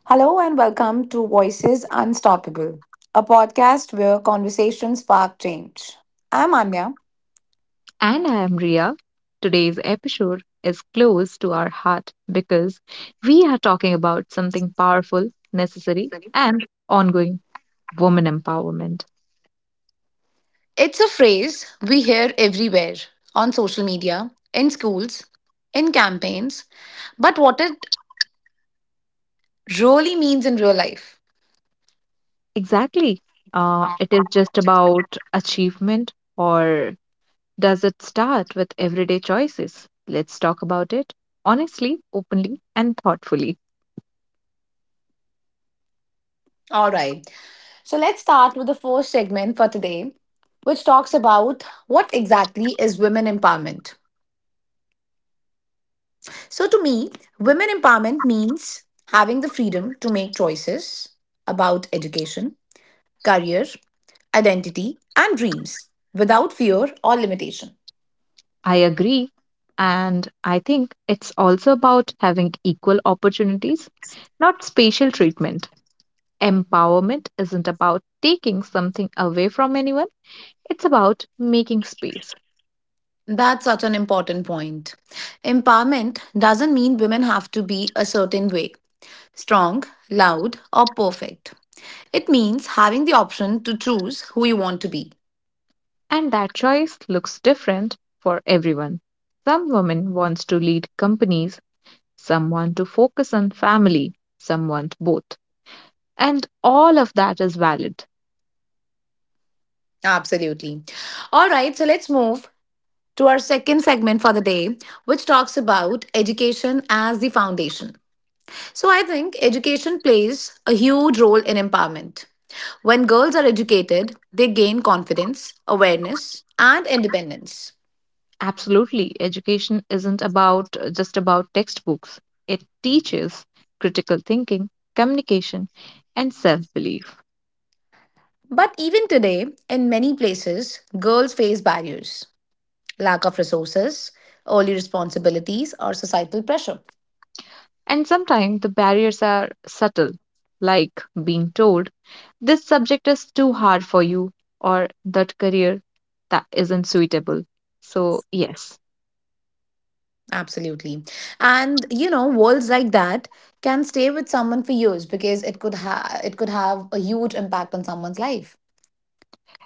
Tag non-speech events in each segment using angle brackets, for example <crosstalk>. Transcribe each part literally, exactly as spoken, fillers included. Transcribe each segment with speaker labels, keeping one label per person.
Speaker 1: Hello and welcome to Voices Unstoppable, a podcast where conversations spark change. I'm Anya.
Speaker 2: And I am Ria. Today's episode is close to our heart because we are talking about something powerful, necessary, and ongoing woman empowerment.
Speaker 1: It's a phrase we hear everywhere on social media, in schools, in campaigns, but what it really means in real life.
Speaker 2: Exactly. Uh, it is just about achievement, or does it start with everyday choices? Let's talk about it honestly, openly, and thoughtfully.
Speaker 1: All right, so let's start with the first segment for today, which talks about what exactly is women empowerment. So, to me, women empowerment means having the freedom to make choices about education, career, identity, and dreams without fear or limitation.
Speaker 2: I agree. And I think it's also about having equal opportunities, not spatial treatment. Empowerment isn't about taking something away from anyone, it's about making space.
Speaker 1: That's such an important point. Empowerment doesn't mean women have to be a certain way strong, loud, or perfect. It means having the option to choose who you want to be.
Speaker 2: And that choice looks different for everyone. Some women wants to lead companies, some want to focus on family, some want both. And all of that is valid.
Speaker 1: Absolutely. All right, so let's move to our second segment for the day, which talks about education as the foundation. So, I think education plays a huge role in empowerment. When girls are educated, they gain confidence, awareness, and independence.
Speaker 2: Absolutely, education isn't about uh, just about textbooks. It teaches critical thinking, communication, and self-belief.
Speaker 1: But even today, in many places, girls face barriers lack of resources, early responsibilities, or societal pressure.
Speaker 2: And sometimes the barriers are subtle, like being told this subject is too hard for you or that career that isn't suitable. So, yes,
Speaker 1: Absolutely. And you know, worlds like that can stay with someone for years because it could have it could have a huge impact on someone's life.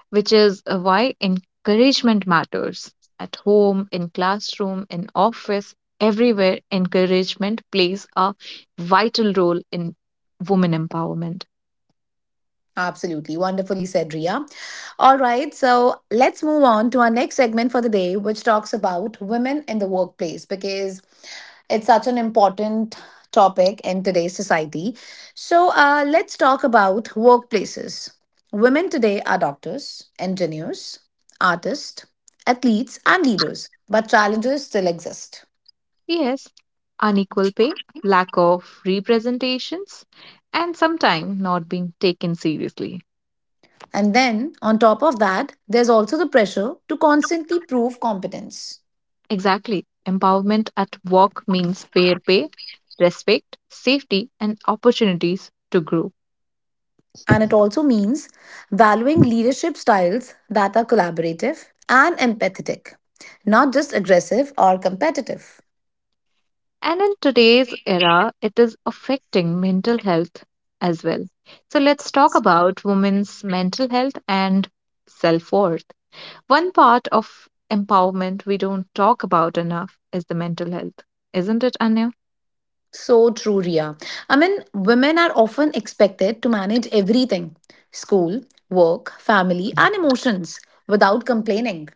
Speaker 2: which is uh, why encouragement matters. At home, in classroom, in office, everywhere, encouragement plays a vital role in women empowerment.
Speaker 1: Absolutely. Wonderfully said, Ria. All right, so let's move on to our next segment for the day, which talks about women in the workplace because it's such an important topic in today's society. So, uh, let's talk about workplaces. Women today are doctors, engineers, artists, athletes, and leaders, but challenges still exist.
Speaker 2: Yes, unequal pay, lack of representations, and sometimes not being taken seriously.
Speaker 1: And then, on top of that, there's also the pressure to constantly prove competence.
Speaker 2: Exactly. Empowerment at work means fair pay, respect, safety, and opportunities to grow.
Speaker 1: And it also means valuing leadership styles that are collaborative and empathetic, not just aggressive or competitive.
Speaker 2: And in today's era, it is affecting mental health as well. So let's talk about women's mental health and self worth. One part of empowerment we don't talk about enough is the mental health, isn't it, Anya?
Speaker 1: So true, Ria. I mean, women are often expected to manage everything school, work, family, and emotions without complaining.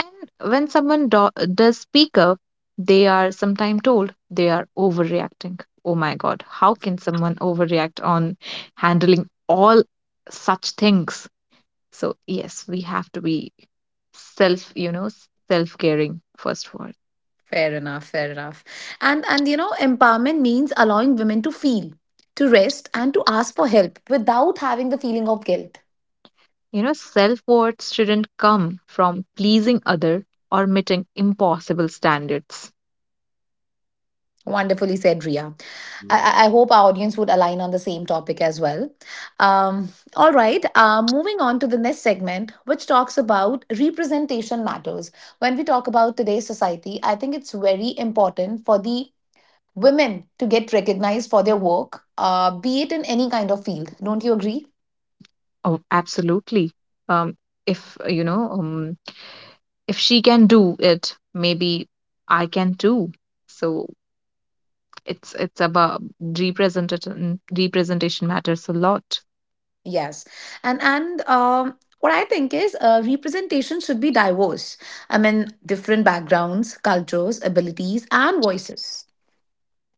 Speaker 2: And when someone do- does speak up, they are sometimes told they are overreacting. Oh my God, how can someone overreact on handling all such things? So, yes, we have to be self, you know, self caring first of all.
Speaker 1: Fair enough, fair enough. And and you know, empowerment means allowing women to feel, to rest, and to ask for help without having the feeling of guilt.
Speaker 2: You know, self worth shouldn't come from pleasing other or meeting impossible standards.
Speaker 1: Wonderfully said, Ria. I, I I hope our audience would align on the same topic as well. Um, all right, uh, moving on to the next segment, which talks about representation matters. When we talk about today's society, I think it's very important for the women to get recognized for their work, uh, be it in any kind of field. Don't you agree?
Speaker 2: Oh, absolutely. Um, if, uh, you know, um. if she can do it, maybe I can too. So it's it's about representation representation matters a lot.
Speaker 1: Yes. And and um, what I think is uh, representation should be diverse. I mean, different backgrounds, cultures, abilities, and voices.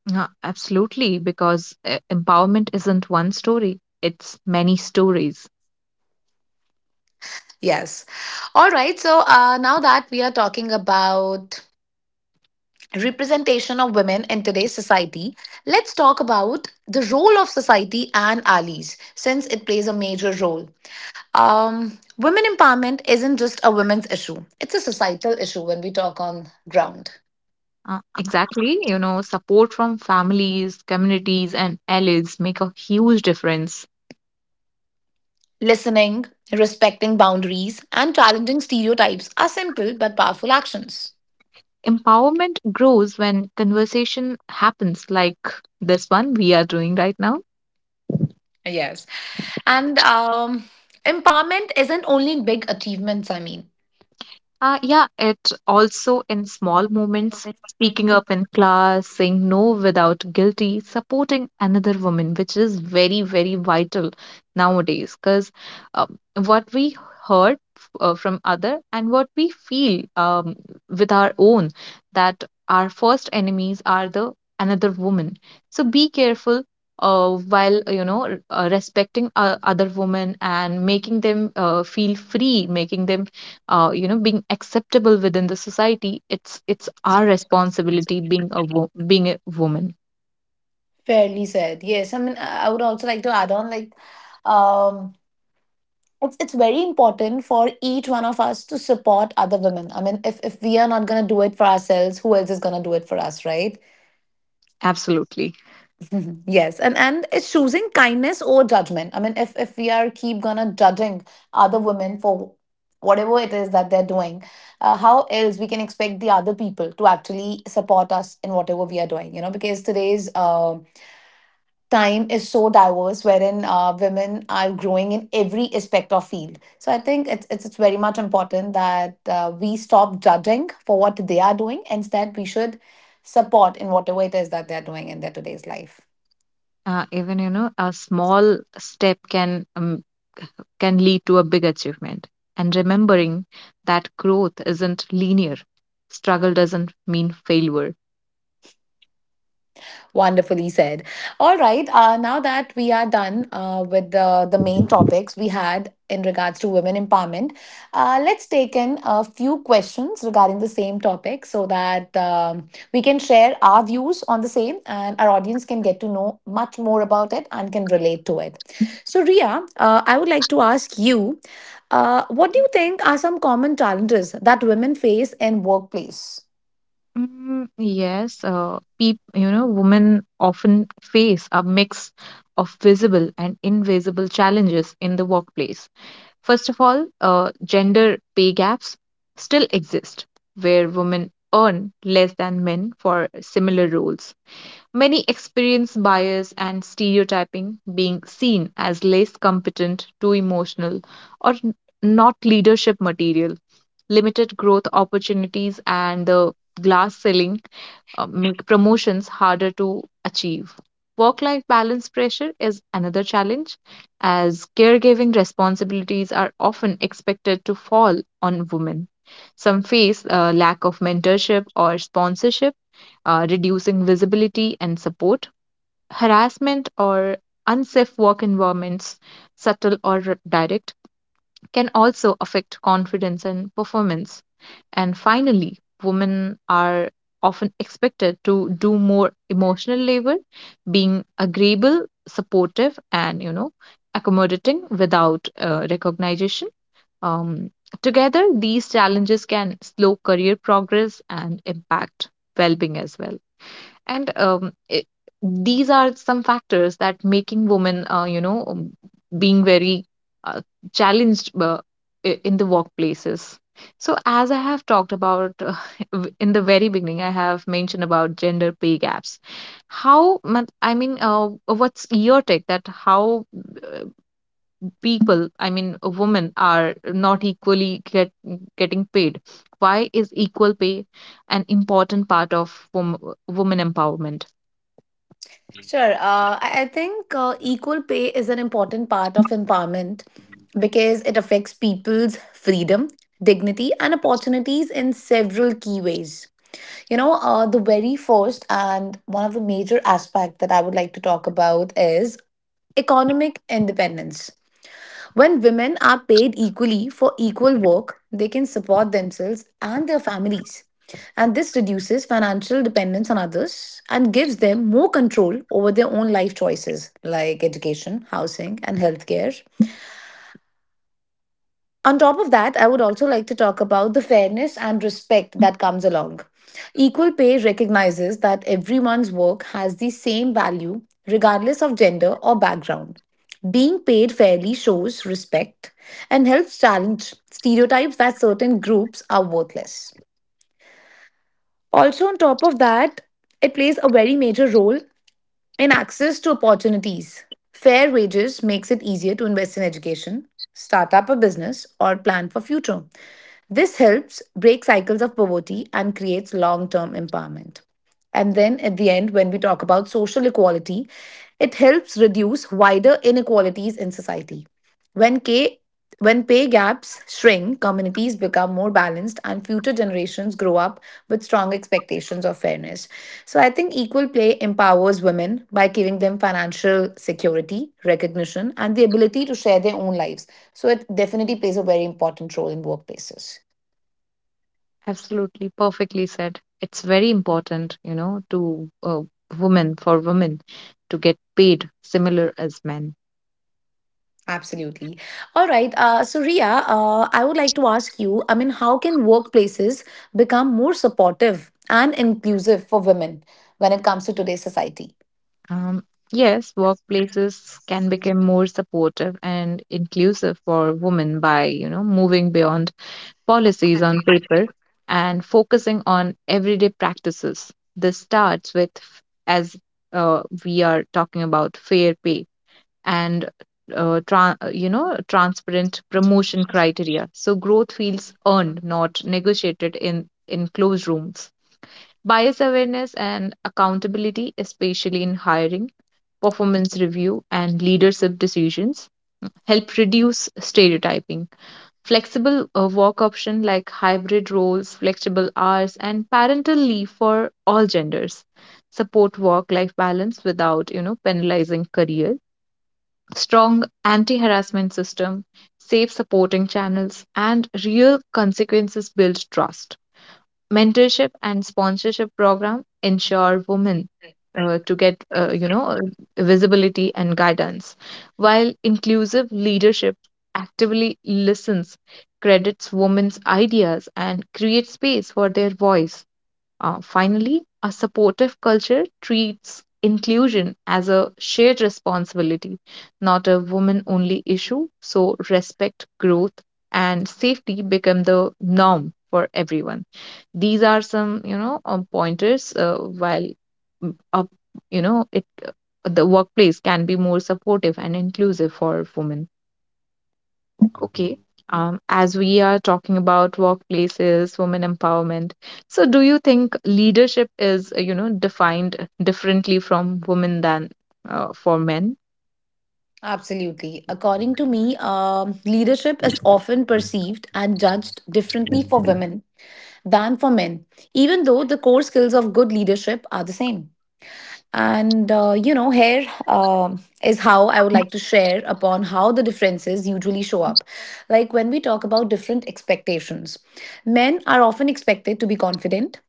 Speaker 2: Yeah, absolutely, because uh, empowerment isn't one story, it's many stories.
Speaker 1: Yes. All right. So uh, now that we are talking about representation of women in today's society, let's talk about the role of society and allies, since it plays a major role. Um, women empowerment isn't just a women's issue; it's a societal issue when we talk on ground.
Speaker 2: Uh, exactly, you know, support from families, communities, and allies make a huge difference.
Speaker 1: Listening, respecting boundaries, and challenging stereotypes are simple but powerful actions.
Speaker 2: Empowerment grows when conversation happens, like this one we are doing right now.
Speaker 1: Yes, and um, empowerment isn't only big achievements. I mean.
Speaker 2: Uh, yeah, it also in small moments, speaking up in class, saying no without guilty, supporting another woman, which is very, very vital nowadays. Because um, what we heard f- uh, from other and what we feel um, with our own, that our first enemies are the another woman. So be careful. Uh, while you know r- uh, respecting uh, other women and making them uh, feel free, making them uh, you know being acceptable within the society, it's it's our responsibility being a wo- being a woman.
Speaker 1: Fairly said. Yes, I mean, I I would also like to add on, like, um, it's it's very important for each one of us to support other women. I mean, if if we are not gonna do it for ourselves, who else is gonna do it for us, right?
Speaker 2: Absolutely.
Speaker 1: <laughs> Mhm. Yes, and and it's choosing kindness over judgment. I mean, if if we are keep gonna judging other women for whatever it is that they're doing, uh, how else we can expect the other people to actually support us in whatever we are doing? You know, because today's um time is so diverse wherein uh, women are growing in every aspect of field, so I think it's, it's, it's very much important that uh, we stop judging for what they are doing, instead we should support in whatever it is that they're doing in their today's life.
Speaker 2: uh, even you know a small step can um, can lead to a big achievement, and remembering that growth isn't linear, struggle doesn't mean failure.
Speaker 1: Wonderfully said. All right. Uh, now that we are done uh, with the, the main topics we had in regards to women empowerment, uh, let's take in a few questions regarding the same topic so that um, we can share our views on the same and our audience can get to know much more about it and can relate to it. So, Ria, uh, I would like to ask you uh, what do you think are some common challenges that women face in workplace?
Speaker 2: Mm, yes, uh, peop you know, women often face a mix of visible and invisible challenges in the workplace. First of all, uh, gender pay gaps still exist where women earn less than men for similar roles. Many experience bias and stereotyping, being seen as less competent, too emotional, or n- not leadership material. Limited growth opportunities and the glass ceiling uh, make promotions harder to achieve. Work life balance pressure is another challenge, as caregiving responsibilities are often expected to fall on women. Some face a lack of mentorship or sponsorship, uh, reducing visibility and support, harassment or unsafe work environments, subtle or r- direct, can also affect confidence and performance. And finally, women are often expected to do more emotional labor, being agreeable, supportive, and you know, accommodating without uh, recognition. Um, together, these challenges can slow career progress and impact well being as well, and um, it, these are some factors that making women uh, you know um, being very uh, challenged uh, i- in the workplaces. So as I have talked about, uh, <laughs> w- in the very beginning I have mentioned about gender pay gaps, how mon- I mean uh, what's your take that how uh, people I mean uh, women are not equally get, getting paid Why is equal pay an important part of wom- woman empowerment?
Speaker 1: Sure. Uh, I I think uh, equal pay is an important part of empowerment because it affects people's freedom, dignity, and opportunities in several key ways. You know, uh, the very first and one of the major aspect that I would like to talk about is economic independence. When women are paid equally for equal work, they can support themselves and their families. And this reduces financial dependence on others and gives them more control over their own life choices like education, housing, and healthcare. On top of that, I would also like to talk about the fairness and respect that comes along. Equal pay recognizes that everyone's work has the same value, regardless of gender or background. Being paid fairly shows respect and helps challenge stereotypes that certain groups are worthless. Also, on top of that, it plays a very major role in access to opportunities. Fair wages makes it easier to invest in education, start up a business, or plan for future, this helps break cycles of poverty and creates long term empowerment. And then at the end, when we talk about social equality, it helps reduce wider inequalities in society. When, K, when pay gaps shrink, communities become more balanced and future generations grow up with strong expectations of fairness. So I think equal pay empowers women by giving them financial security, recognition, and the ability to share their own lives. So it definitely plays a very important role in workplaces.
Speaker 2: Absolutely, perfectly said. It's very important, you know, to uh, women for women to get paid similar as men.
Speaker 1: Absolutely. All right. Uh, so, Ria, uh, I would like to ask you, I mean, how can workplaces become more supportive and inclusive for women when it comes to today's society?
Speaker 2: Um, yes, workplaces can become more supportive and inclusive for women by, you know, moving beyond policies on paper and focusing on everyday practices. This starts with, f- as uh, we are talking about, fair pay and uh, tra- uh, you know transparent promotion criteria, so growth feels earned not negotiated in in closed rooms. Bias awareness and accountability, especially in hiring, performance review and leadership decisions, help reduce stereotyping. Flexible uh, work option like hybrid roles, flexible hours, and parental leave for all genders support work life balance without you know penalizing careers. Strong anti harassment system, safe supporting channels, and real consequences build trust. Mentorship and sponsorship program ensure women uh, to get uh, you know uh, visibility and guidance, while inclusive leadership actively listens, credits women's ideas and creates space for their voice. uh, finally, a supportive culture treats inclusion as a shared responsibility, not a woman only issue. So, respect, growth, and safety become the norm for everyone. These are some, you know, um, pointers uh, while, mm, up, you know, it uh, the workplace can be more supportive and inclusive for women. Okay. Um, as we are talking about workplaces, women empowerment, so do you think leadership is, uh, you know, defined differently from women than uh, for men?
Speaker 1: Absolutely. According to me, um, leadership is often perceived and judged differently for women than for men, even though the core skills of good leadership are the same. And uh, you know, here um, is how I would like to share upon how the differences usually show up. Like when we talk about different expectations, men are often expected to be confident,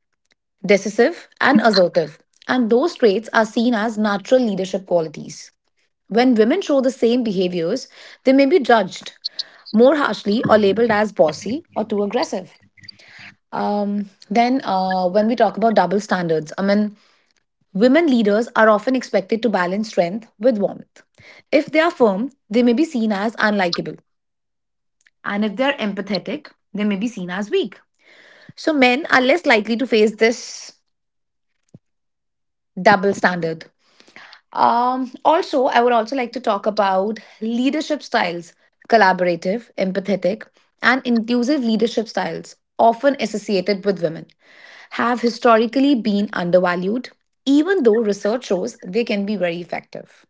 Speaker 1: decisive, and assertive, and those traits are seen as natural leadership qualities. When women show the same behaviors, they may be judged more harshly or labeled as bossy or too aggressive. Um, then, uh, when we talk about double standards, I mean, women leaders are often expected to balance strength with warmth. If they are firm, they may be seen as unlikable. And if they are empathetic, they may be seen as weak. So men are less likely to face this double standard. Um, also, I would also like to talk about leadership styles collaborative, empathetic, and inclusive leadership styles, often associated with women, have historically been undervalued, even though research shows they can be very effective.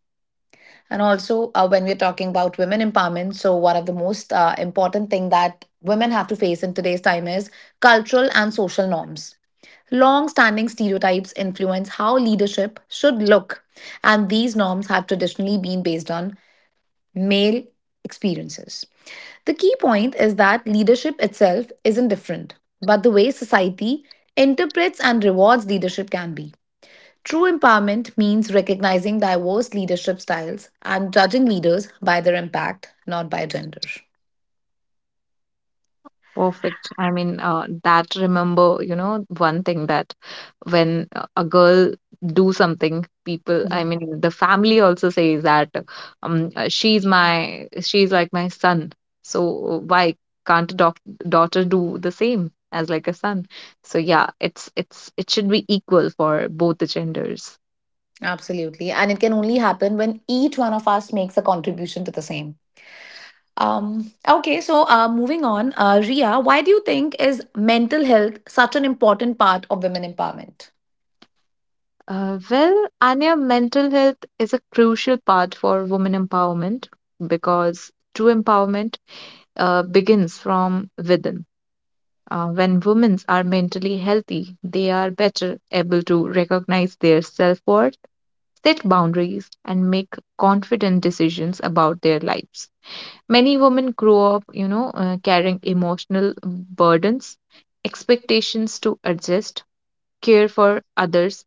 Speaker 1: And also, uh, when we're talking about women empowerment, so one of the most uh, important thing that women have to face in today's time is cultural and social norms. Long standing stereotypes influence how leadership should look, and these norms have traditionally been based on male experiences. The key point is that leadership itself isn't different, but the way society interprets and rewards leadership can be. True empowerment means recognizing diverse leadership styles and judging leaders by their impact, not by gender.
Speaker 2: Perfect. I mean, uh, that remember, you know, one thing that when uh, a girl do something, people, I
Speaker 1: Mhm.
Speaker 2: mean, the family also says that um, uh, she's my, she's like my son. So why can't a doc daughter do the same as like a son? So yeah, it's it's it should be equal for both the genders.
Speaker 1: Absolutely. And it can only happen when each one of us makes a contribution to the same. Um, okay, so uh, moving on, uh, Ria, why do you think is mental health such an important part of women empowerment?
Speaker 2: Uh, well, Anya, mental health is a crucial part for women empowerment because true empowerment uh, begins from within. Uh, when women are mentally healthy, they are better able to recognize their self worth, set boundaries, and make confident decisions about their lives. Many women grow up, you know, uh, carrying emotional burdens, expectations to adjust, care for others,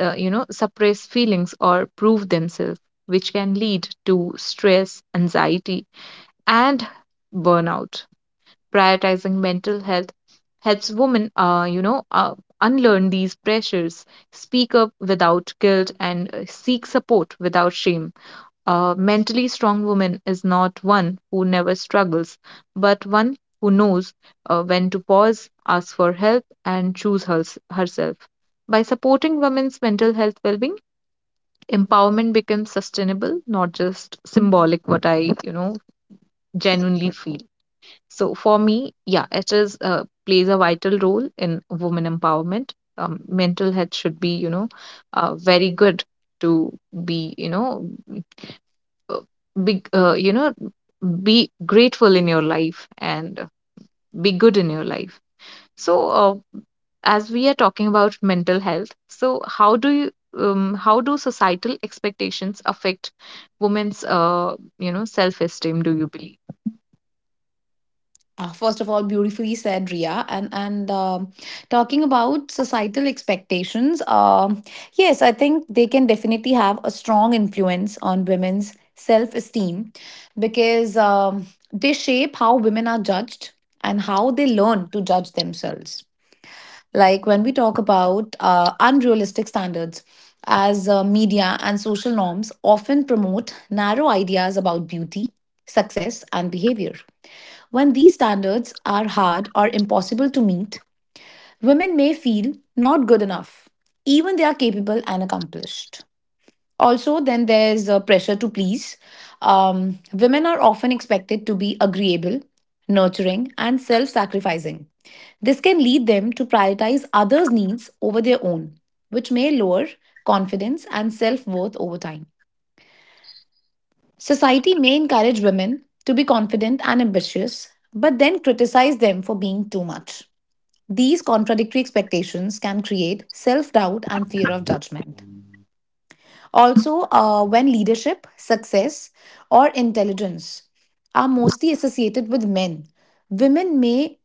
Speaker 2: uh, you know, suppress feelings, or prove themselves, which can lead to stress, anxiety, and burnout. Prioritizing mental health helps women, uh, you know, uh, unlearn these pressures, speak up without guilt, and uh, seek support without shame. A mentally strong woman is not one who never struggles, but one who knows uh, when to pause, ask for help, and choose hers herself. By supporting women's mental health well-being, empowerment becomes sustainable, not just symbolic. What I, you know, genuinely feel. So for me, yeah, it is uh, plays a vital role in women empowerment. Um, mental health should be, you know, uh, very good to be, you know, uh, big, uh, you know, be grateful in your life and be good in your life. So uh, as we are talking about mental health, so how do you um, how do societal expectations affect women's uh, you know self-esteem, do you believe?
Speaker 1: Uh, first of all, beautifully said, Ria. And and um, talking about societal expectations, um, yes, I think they can definitely have a strong influence on women's self esteem because um, they shape how women are judged and how they learn to judge themselves, like when we talk about uh, unrealistic standards, as uh, media and social norms often promote narrow ideas about beauty, success and behavior. When these standards are hard or impossible to meet, women may feel not good enough, even they are capable and accomplished. Also, then there's uh, pressure to please. Um, women are often expected to be agreeable, nurturing and self-sacrificing. This can lead them to prioritize others' needs over their own, which may lower confidence and self worth over time. Society may encourage women to be confident and ambitious, but then criticize them for being too much. These contradictory expectations can create self doubt and fear of judgment. Also, uh, when leadership, success, or intelligence are mostly associated with men, women may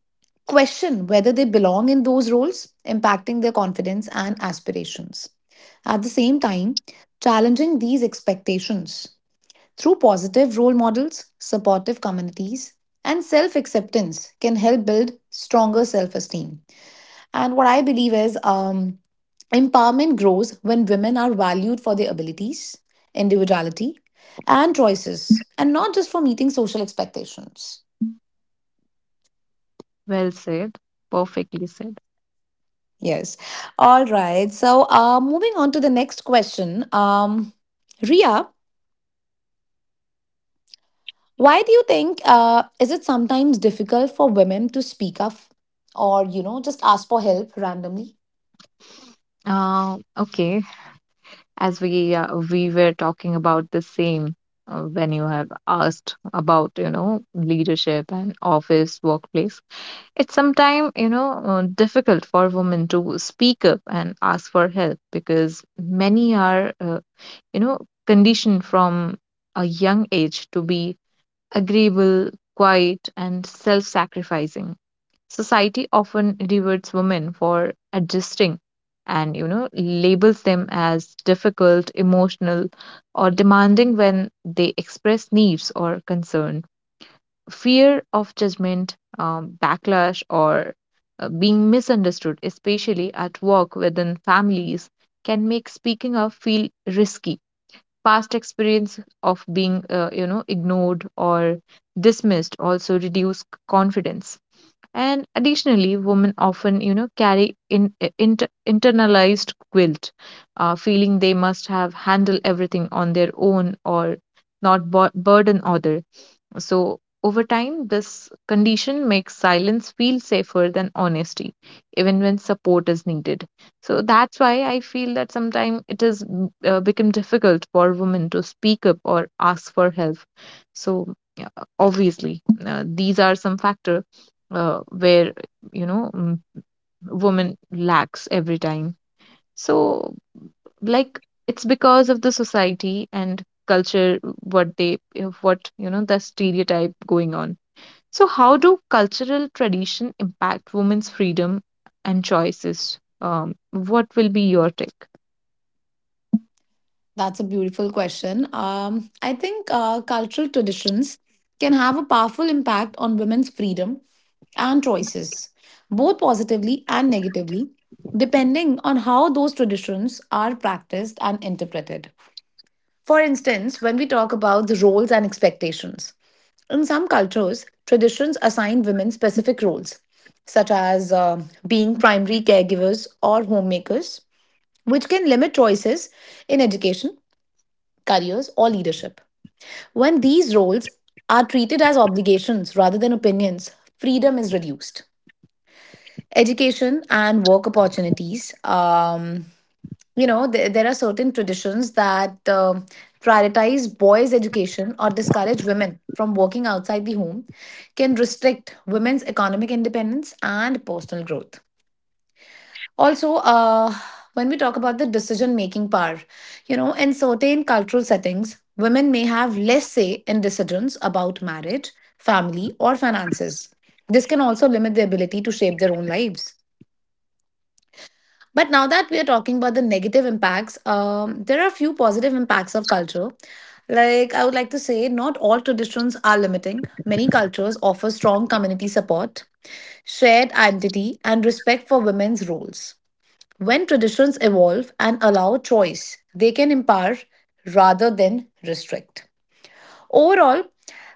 Speaker 1: question whether they belong in those roles, impacting their confidence and aspirations. At the same time, challenging these expectations through positive role models, supportive communities, and self acceptance can help build stronger self esteem. And what I believe is um, empowerment grows when women are valued for their abilities, individuality, and choices, and not just for meeting social expectations.
Speaker 2: Well said, perfectly said.
Speaker 1: Yes. All right. So, uh, moving on to the next question. Um, Ria, why do you think uh, is it sometimes difficult for women to speak up or, you know, just ask for help randomly?
Speaker 2: Uh, okay, as we uh, we were talking about the same, uh, when you have asked about you know leadership and office workplace, it's sometimes you know uh, difficult for women to speak up and ask for help because many are uh, you know conditioned from a young age to be agreeable, quiet, and self-sacrificing. Society often rewards women for adjusting and, you know, labels them as difficult, emotional, or demanding when they express needs or concern. Fear of judgment, um, backlash, or uh, being misunderstood, especially at work within families, can make speaking up feel risky. Past experience of being, uh, you know, ignored or dismissed also reduce confidence. And additionally, women often, you know, carry in, inter, internalized guilt, uh, feeling they must have handled everything on their own or not bur- burden other. So, over time, this condition makes silence feel safer than honesty, even when support is needed. So, that's why I feel that sometimes it has mm, uh, become difficult for women to speak up or ask for help. So, yeah, obviously, uh, these are some factor uh, where, you know, mm, women lacks every time. So, like, it's because of the society and culture what they, what, you know, the stereotype going on. So, how do cultural tradition impact women's freedom and choices? Um, what will be your take?
Speaker 1: That's a beautiful question. Um, I think uh, cultural traditions can have a powerful impact on women's freedom and choices, both positively and negatively, depending on how those traditions are practiced and interpreted. For instance, when we talk about the roles and expectations, in some cultures, traditions assign women specific roles, such as uh, being primary caregivers or homemakers, which can limit choices in education careers, or leadership. When these roles are treated as obligations rather than opinions, freedom is reduced. Education and work opportunities. Um, you know, there, there are certain traditions that um prioritize boys' education or discourage women from working outside the home, can restrict women's economic independence and personal growth. Also, uh, when we talk about the decision making power, you know, in certain cultural settings, women may have less say in decisions about marriage, family, or finances. This can also limit their ability to shape their own lives. But now that we are talking about the negative impacts, um, there are a few positive impacts of culture. Like, I would like to say, not all traditions are limiting. Many cultures offer strong community support, shared identity, and respect for women's roles. When traditions evolve and allow choice, they can empower rather than restrict. Overall,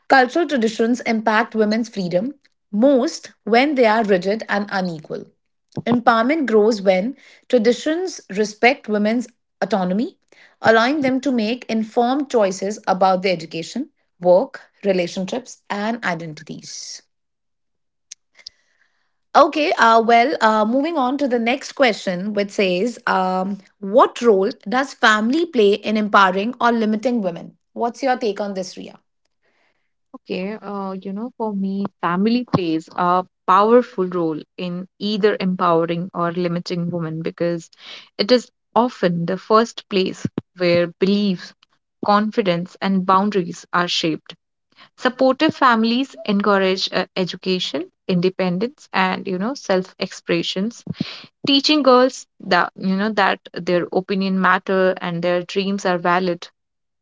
Speaker 1: cultural traditions impact women's freedom most when they are rigid and unequal. Empowerment grows when traditions respect women's autonomy, allowing them to make informed choices about their education, work, relationships, and identities. Okay, uh, well, uh, moving on to the next question, which says, um, what role does family play in empowering or limiting women? What's your take on this, Ria?
Speaker 2: Okay, uh, you know, for me, family plays a powerful role in either empowering or limiting women because it is often the first place where beliefs, confidence, and boundaries are shaped. Supportive families encourage uh, education, independence, and you know, self-expressions, teaching girls that you know that their opinion matter and their dreams are valid,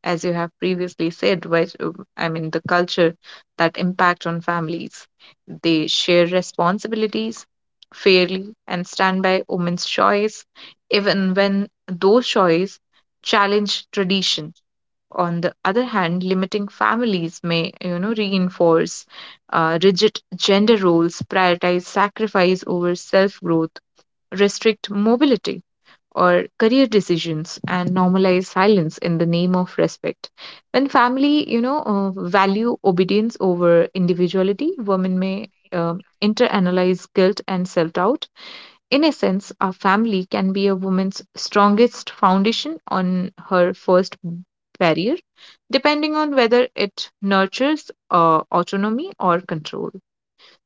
Speaker 2: as you have previously said, which, uh, I mean, the culture that impact on families. They share responsibilities fairly and stand by women's choice, even when those choice challenge tradition. On the other hand, limiting families may, you know, reinforce uh, rigid gender roles, prioritize sacrifice over self growth, restrict mobility or career decisions, and normalize silence in the name of respect. When family, you know, uh, value obedience over individuality, women may uh, interanalyze guilt and self doubt. In a sense, our family can be a woman's strongest foundation on her first barrier, depending on whether it nurtures uh, autonomy or control.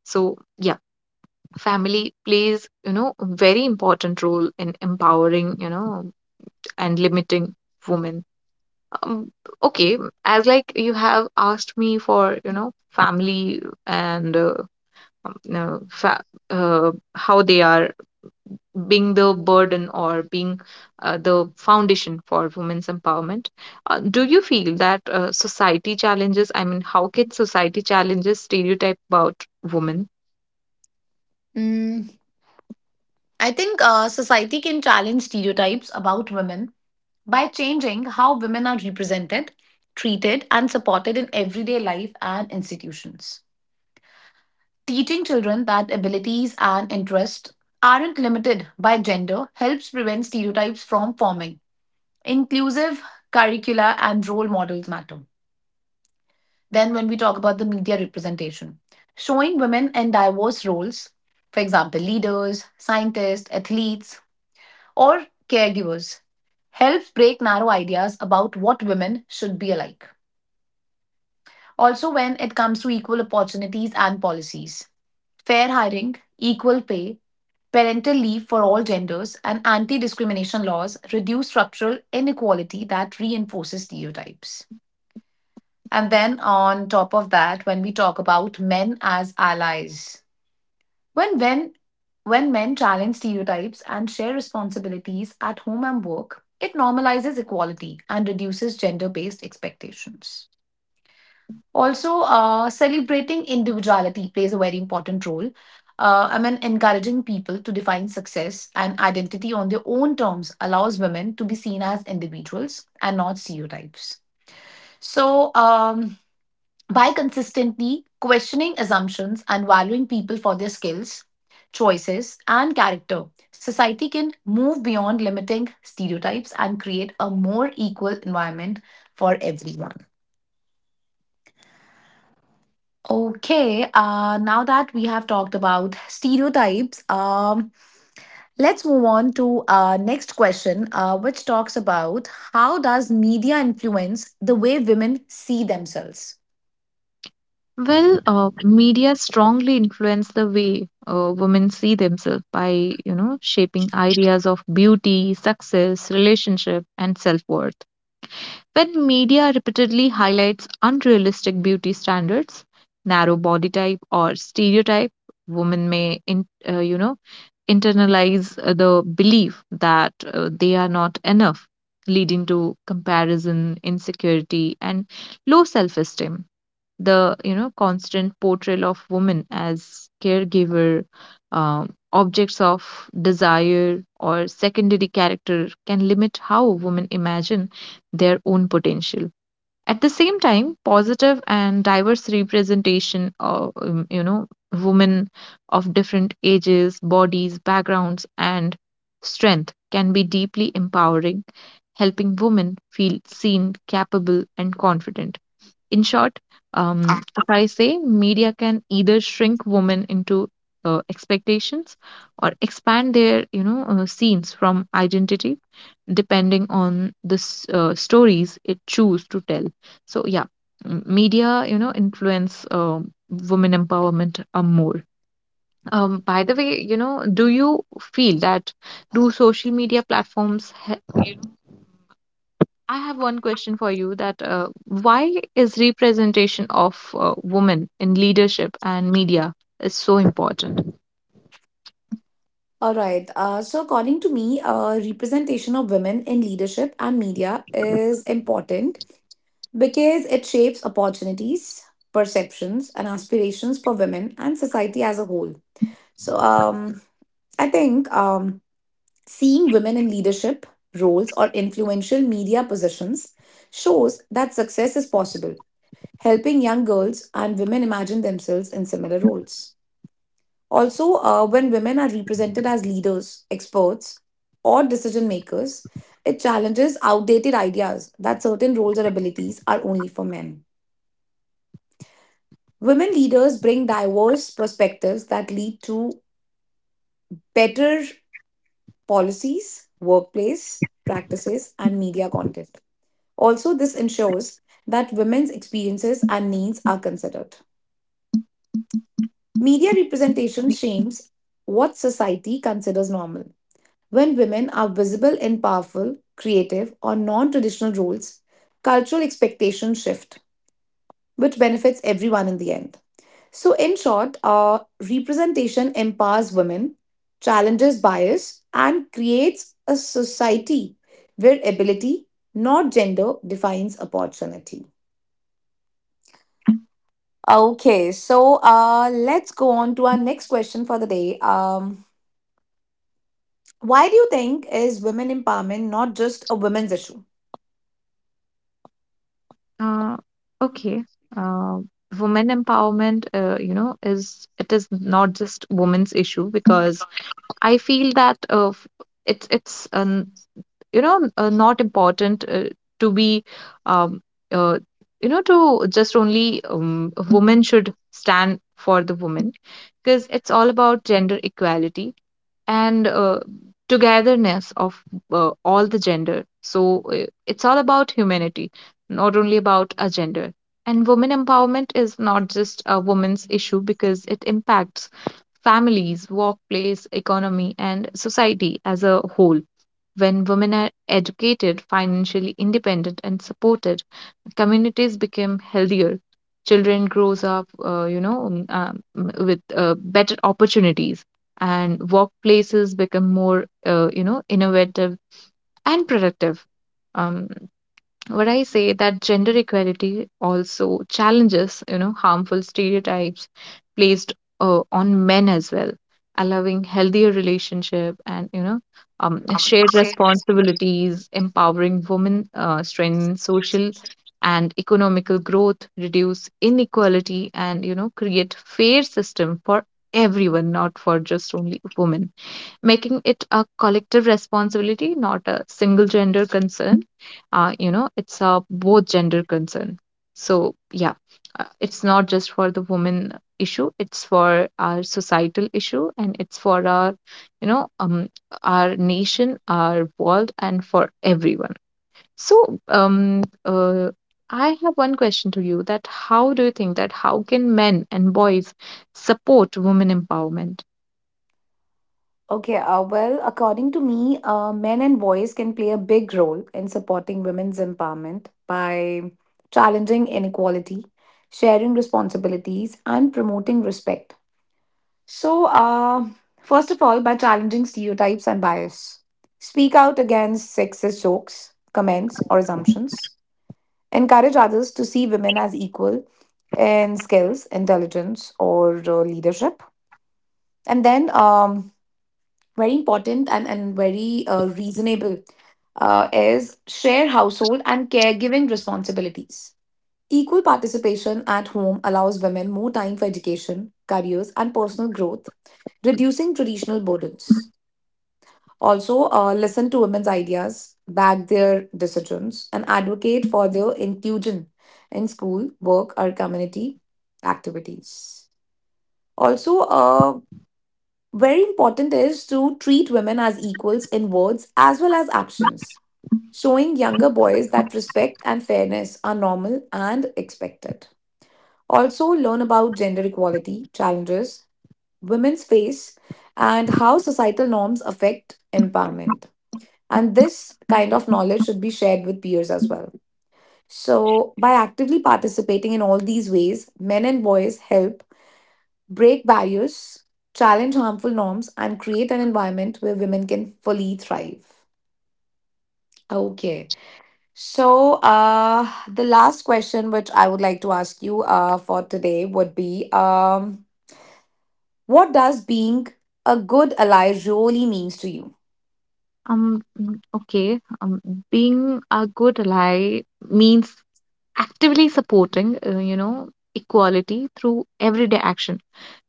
Speaker 2: So, yeah, family plays, you know, a very important role in empowering, you know, and limiting women. um, okay, as like you have asked me for you know family and uh, um, no, fa- uh, how they are being the burden or being uh, the foundation for women's empowerment. Uh, do you feel that uh, society challenges, i mean how can society challenges stereotype about women?
Speaker 1: Mm, I think uh, society can challenge stereotypes about women by changing how women are represented, treated, and supported in everyday life and institutions. Teaching children that abilities and interests aren't limited by gender helps prevent stereotypes from forming. Inclusive curricula and role models matter. Then, when we talk about the media representation, showing women in diverse roles, for example, leaders, scientists, athletes, or caregivers, helps break narrow ideas about what women should be alike. Also, when it comes to equal opportunities and policies, fair hiring, equal pay, parental leave for all genders, and anti discrimination laws reduce structural inequality that reinforces stereotypes. And then on top of that, when we talk about men as allies, when when when men challenge stereotypes and share responsibilities at home and work, it normalizes equality and reduces gender-based expectations. Also, uh, celebrating individuality plays a very important role. Uh, I mean, encouraging people to define success and identity on their own terms allows women to be seen as individuals and not stereotypes. So, um, by consistently questioning assumptions and valuing people for their skills, choices, and character, society can move beyond limiting stereotypes and create a more equal environment for everyone. Okay, uh, now that we have talked about stereotypes, um, let's move on to our next question, uh, which talks about how does media influence the way women see themselves?
Speaker 2: Well, uh, media strongly influence the way uh, women see themselves by, you know, shaping ideas of beauty, success, relationship, and self-worth. When media repeatedly highlights unrealistic beauty standards, narrow body type, or stereotype, women may, in, uh, you know, internalize uh, the belief that uh, they are not enough, leading to comparison, insecurity, and low self-esteem. The you know constant portrayal of women as caregiver, um, objects of desire, or secondary character can limit how women imagine their own potential. At the same time, positive and diverse representation of um, you know women of different ages, bodies, backgrounds, and strength can be deeply empowering, helping women feel seen, capable, and confident. In short, um, if I say, media can either shrink women into uh, expectations or expand their, you know, uh, scenes from identity, depending on the s- uh, stories it choose to tell. So yeah, m- media, you know, influence um women empowerment uh, more. Um, by the way, you know, do you feel that do social media platforms he- I have one question for you that uh, why is representation of uh, women in leadership and media is so important?
Speaker 1: All right. Uh, so, according to me, uh, representation of women in leadership and media is important because it shapes opportunities, perceptions, and aspirations for women and society as a whole. So, um, I think um, seeing women in leadership roles or influential media positions shows that success is possible, helping young girls and women imagine themselves in similar roles. Also, uh, when women are represented as leaders, experts, or decision makers, it challenges outdated ideas that certain roles or abilities are only for men. Women leaders bring diverse perspectives that lead to better policies, workplace practices, and media content. Also, this ensures that women's experiences and needs are considered. Media representation shames what society considers normal. When women are visible in powerful, creative, or non traditional roles, cultural expectations shift, which benefits everyone in the end. So, in short, uh, representation empowers women, challenges bias, and creates a society where ability, not gender, defines opportunity. Okay, so uh, let's go on to our next question for the day. Um, why do you think is women empowerment not just a women's issue?
Speaker 2: Uh, okay. Uh, Women empowerment, uh, you know, is it is not just women's issue because I feel that uh, f- it's it's um, you know uh, not important uh, to be um, uh, you know to just only um, women should stand for the women, because it's all about gender equality and uh, togetherness of uh, all the gender. So uh, it's all about humanity, not only about a gender. And women empowerment is not just a woman's issue because it impacts families, workplace, economy, and society as a whole. When women are educated, financially independent, and supported, communities become healthier. Children grows up, uh, you know, um, um, with uh, better opportunities, and workplaces become more, uh, you know, innovative and productive. Um, what I say that gender equality also challenges, you know, harmful stereotypes placed uh, on men as well, allowing healthier relationship and, you know, um, shared responsibilities. Empowering women, uh, strengthen social and economical growth, reduce inequality, and, you know, create fair system for everyone, not for just only women, making it a collective responsibility, not a single gender concern. Uh, you know, it's a both gender concern. So, yeah, uh, it's not just for the women issue, it's for our societal issue and it's for our, you know, um, our nation, our world, and for everyone. So, um, uh, I have one question to you that how do you think that how can men and boys support women empowerment?
Speaker 1: Okay, uh, well, according to me, uh, men and boys can play a big role in supporting women's empowerment by challenging inequality, sharing responsibilities, and promoting respect. So, uh, first of all, by challenging stereotypes and bias, speak out against sexist jokes, comments, or assumptions, encourage others to see women as equal in skills, intelligence, or uh, leadership. And then um, very important and, and very uh, reasonable uh, is share household and caregiving responsibilities. Equal participation at home allows women more time for education, careers, and personal growth, reducing traditional burdens. Also, uh, listen to women's ideas, back their decisions, and advocate for their inclusion in school, work, or community activities. Also, uh, very important is to treat women as equals in words as well as actions, showing younger boys that respect and fairness are normal and expected. Also, learn about gender equality challenges women's face and how societal norms affect empowerment. And this kind of knowledge should be shared with peers as well. So, by actively participating in all these ways, men and boys help break barriers, challenge harmful norms, and create an environment where women can fully thrive. Okay. So, uh, the last question which I would like to ask you uh, for today would be um, what does being a good ally really means to you?
Speaker 2: Um, mm, okay. Um, being a good ally means actively supporting, uh, you know, equality through everyday action,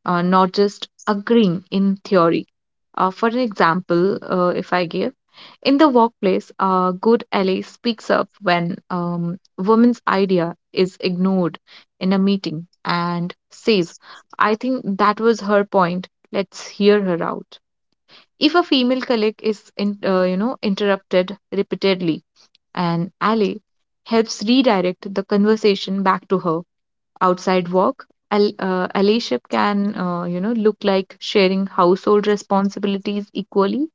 Speaker 2: uh, not just agreeing in theory. Uh, for an example, uh, if I give, in the workplace, a good ally speaks up when um, woman's idea is ignored in a meeting and says, "I think that was her point. Let's hear her out." If a female colleague is in, uh, you know interrupted repeatedly, an ally helps redirect the conversation back to her. Outside work, al- uh, allyship can uh, you know look like sharing household responsibilities equally,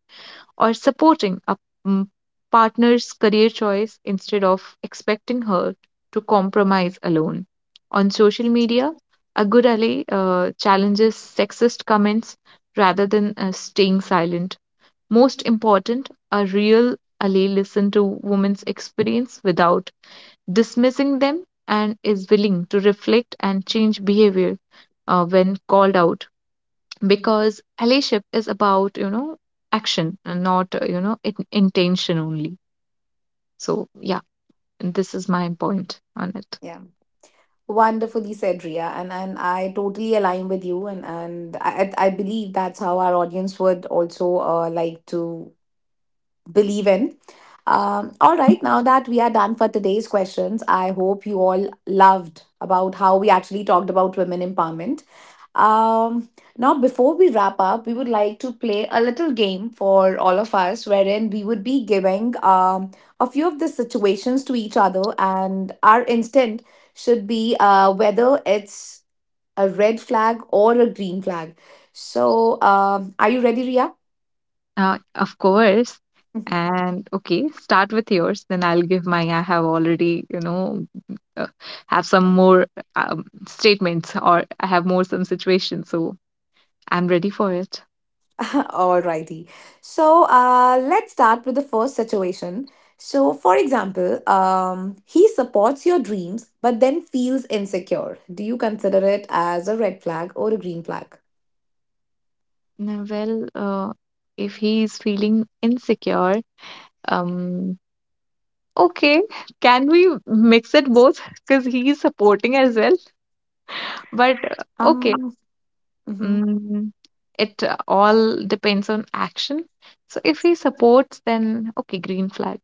Speaker 2: or supporting a, mm, partner's career choice instead of expecting her to compromise alone. On social media, a good ally uh, challenges sexist comments rather than uh, staying silent. Most important, a real ally listens to women's experience without dismissing them, and is willing to reflect and change behavior uh, when called out, because allyship is about, you know action and not uh, you know in- intention only. So yeah, this is my point on it.
Speaker 1: Yeah. Wonderfully said, Ria. And, and I totally align with you. And, and I, I I believe that's how our audience would also uh, like to believe in. Um, all right, now that we are done for today's questions, I hope you all loved about how we actually talked about women empowerment. Um, now, before we wrap up, we would like to play a little game for all of us, wherein we would be giving um, a few of the situations to each other, and our instinct should be uh, whether it's a red flag or a green flag. So, um, are you ready, Ria?
Speaker 2: Uh, of course.
Speaker 1: <laughs>
Speaker 2: And okay, start with yours, then I'll give mine. I have already, you know uh, have some more um, statements, or I have more some situations. So I'm ready for it.
Speaker 1: Alrighty. So uh, let's start with the first situation. So, for example, um, he supports your dreams but then feels insecure. Do you consider it as a red flag or a green flag?
Speaker 2: Now, well, uh, if he's feeling insecure, um, okay, can we mix it both? Because he's supporting as well. But uh, okay,
Speaker 1: Um, mhm,
Speaker 2: mm, it uh, all depends on action. So if he supports, then okay, green flag.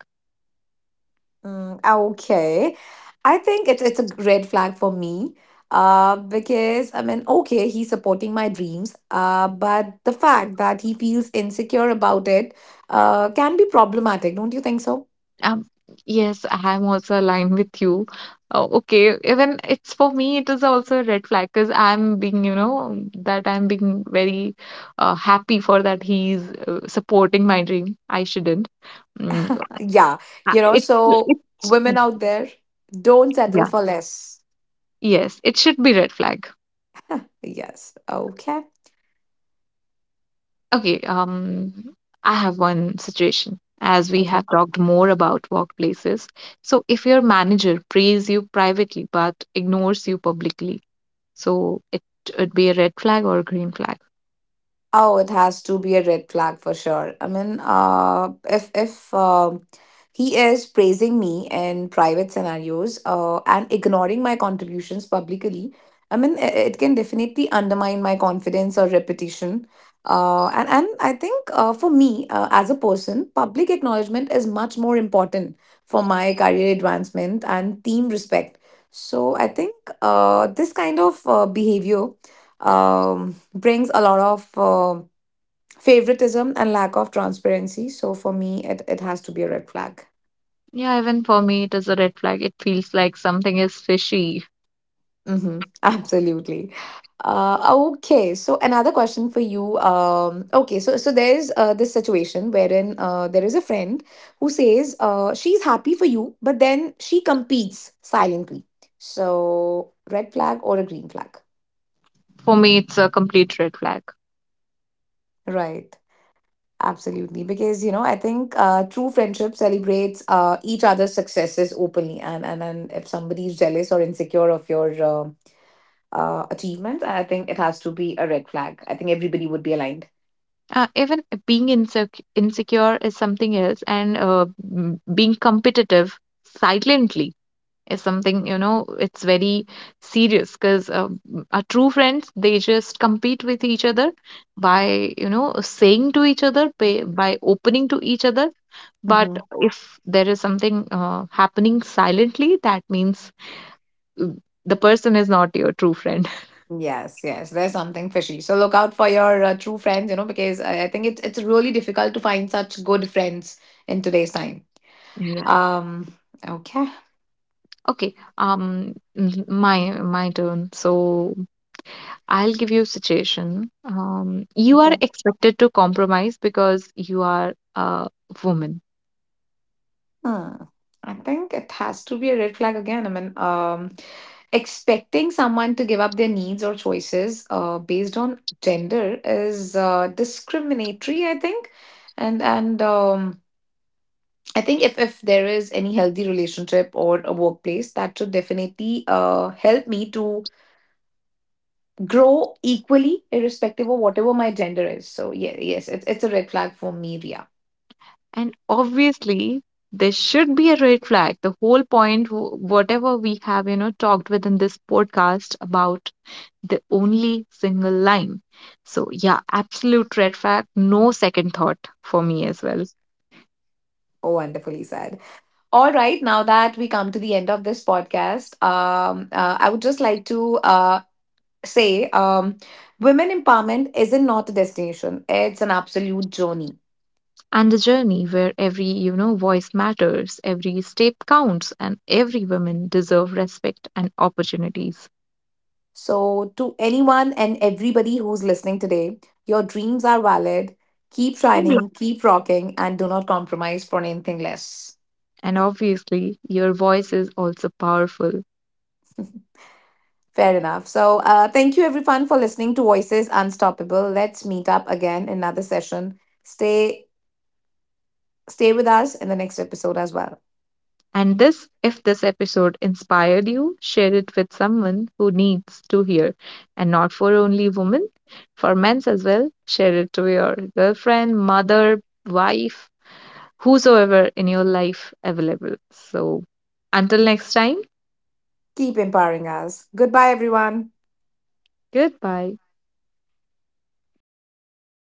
Speaker 1: mm, okay. I think it's it's a red flag for me. Uh, because I mean, okay, he's supporting my dreams. Uh, but the fact that he feels insecure about it, uh, can be problematic. Don't you think so?
Speaker 2: Um, yes, I am also aligned with you. Uh, okay, even it's for me, it is also a red flag because I'm being, you know, that I'm being very uh, happy for that he's uh, supporting my dream. I shouldn't. Mm,
Speaker 1: Yeah,
Speaker 2: I-
Speaker 1: you know,
Speaker 2: it,
Speaker 1: so
Speaker 2: it's,
Speaker 1: women out there, don't settle
Speaker 2: yeah,
Speaker 1: for less.
Speaker 2: yes, it should be red flag.
Speaker 1: Yes. Okay.
Speaker 2: Okay, um, I have one situation. As we
Speaker 1: Okay.
Speaker 2: have talked more about workplaces, so if your manager praises you privately but ignores you publicly, so it would be a red flag or a green flag?
Speaker 1: Oh, it has to be a red flag for sure. I mean, uh, if if um he is praising me in private scenarios uh, and ignoring my contributions publicly, I mean, i- it can definitely undermine my confidence or reputation. Uh, and, and I think uh, for me uh, as a person, public acknowledgement is much more important for my career advancement and team respect. So I think uh, this kind of uh, behavior. Um, brings a lot of uh, favoritism and lack of transparency. So for me, it, it has to be a red flag.
Speaker 2: Yeah, even for me, it is a red flag. It feels like something is fishy.
Speaker 1: Hmm. <laughs> Absolutely. Uh, okay, so another question for you. Um, okay, so so there's uh, this situation wherein uh, there is a friend who says uh, she's happy for you, but then she competes silently. So red flag or a green flag,
Speaker 2: For me, it's a complete red flag.
Speaker 1: right? Absolutely, because you know, I think uh, true friendship celebrates uh, each other's successes openly, and and and if somebody is jealous or insecure of your uh, uh, achievements, I think it has to be a red flag. I think everybody would be aligned.
Speaker 2: Uh, even being insec- insecure is something else, and uh, m- being competitive silently is something, you know, it's very serious, because uh, m- our true friends, they just compete with each other by, you know, saying to each other, by, by opening to each other. But
Speaker 1: Hmm.
Speaker 2: if there is something uh, happening silently, that means uh, the person is not your true friend. <laughs>
Speaker 1: Yes, yes, there's something fishy. So look out for your uh, true friends, you know, because I, I think it's it's really difficult to find such good friends in today's time.
Speaker 2: Yeah.
Speaker 1: Um, okay.
Speaker 2: Okay, um, mm, my my turn. So I'll give you a situation. Um, you are expected to compromise because you are a woman,
Speaker 1: Hmm. I think it has to be a red flag again. I mean, um, expecting someone to give up their needs or choices uh, based on gender is uh, discriminatory, I think. And and um, I think if if there is any healthy relationship or a workplace, that should definitely uh, help me to grow equally, irrespective of whatever my gender is. So yeah, yes, it's it's a red flag for me, Ria.
Speaker 2: and obviously there should be a red flag. The whole point, wh- whatever we have, you know, talked within this podcast about, the only single line. So, yeah, absolute red flag, no second thought for me as well.
Speaker 1: Oh, wonderfully said. All right, now that we come to the end of this podcast, um, uh, I would just like to uh, say um, women empowerment isn't not a destination, it's an absolute journey.
Speaker 2: And the journey where every, you know, voice matters, every step counts, and every woman deserve respect and opportunities.
Speaker 1: So, to anyone and everybody who's listening today, your dreams are valid. Keep
Speaker 2: Absolutely.
Speaker 1: shining, keep rocking, and do not compromise for anything less.
Speaker 2: And obviously, your voice is also powerful.
Speaker 1: Fair enough. So, uh, thank you everyone for listening to Voices Unstoppable. Let's meet up again in another session. Stay, stay with us in the next episode as well.
Speaker 2: And this, if this episode inspired you, share it with someone who needs to hear. And not for only women, for men's as well. Share it to your girlfriend, mother, wife, whosoever in your life available. So until next time,
Speaker 1: Keep empowering us. Goodbye, everyone.
Speaker 2: goodbye.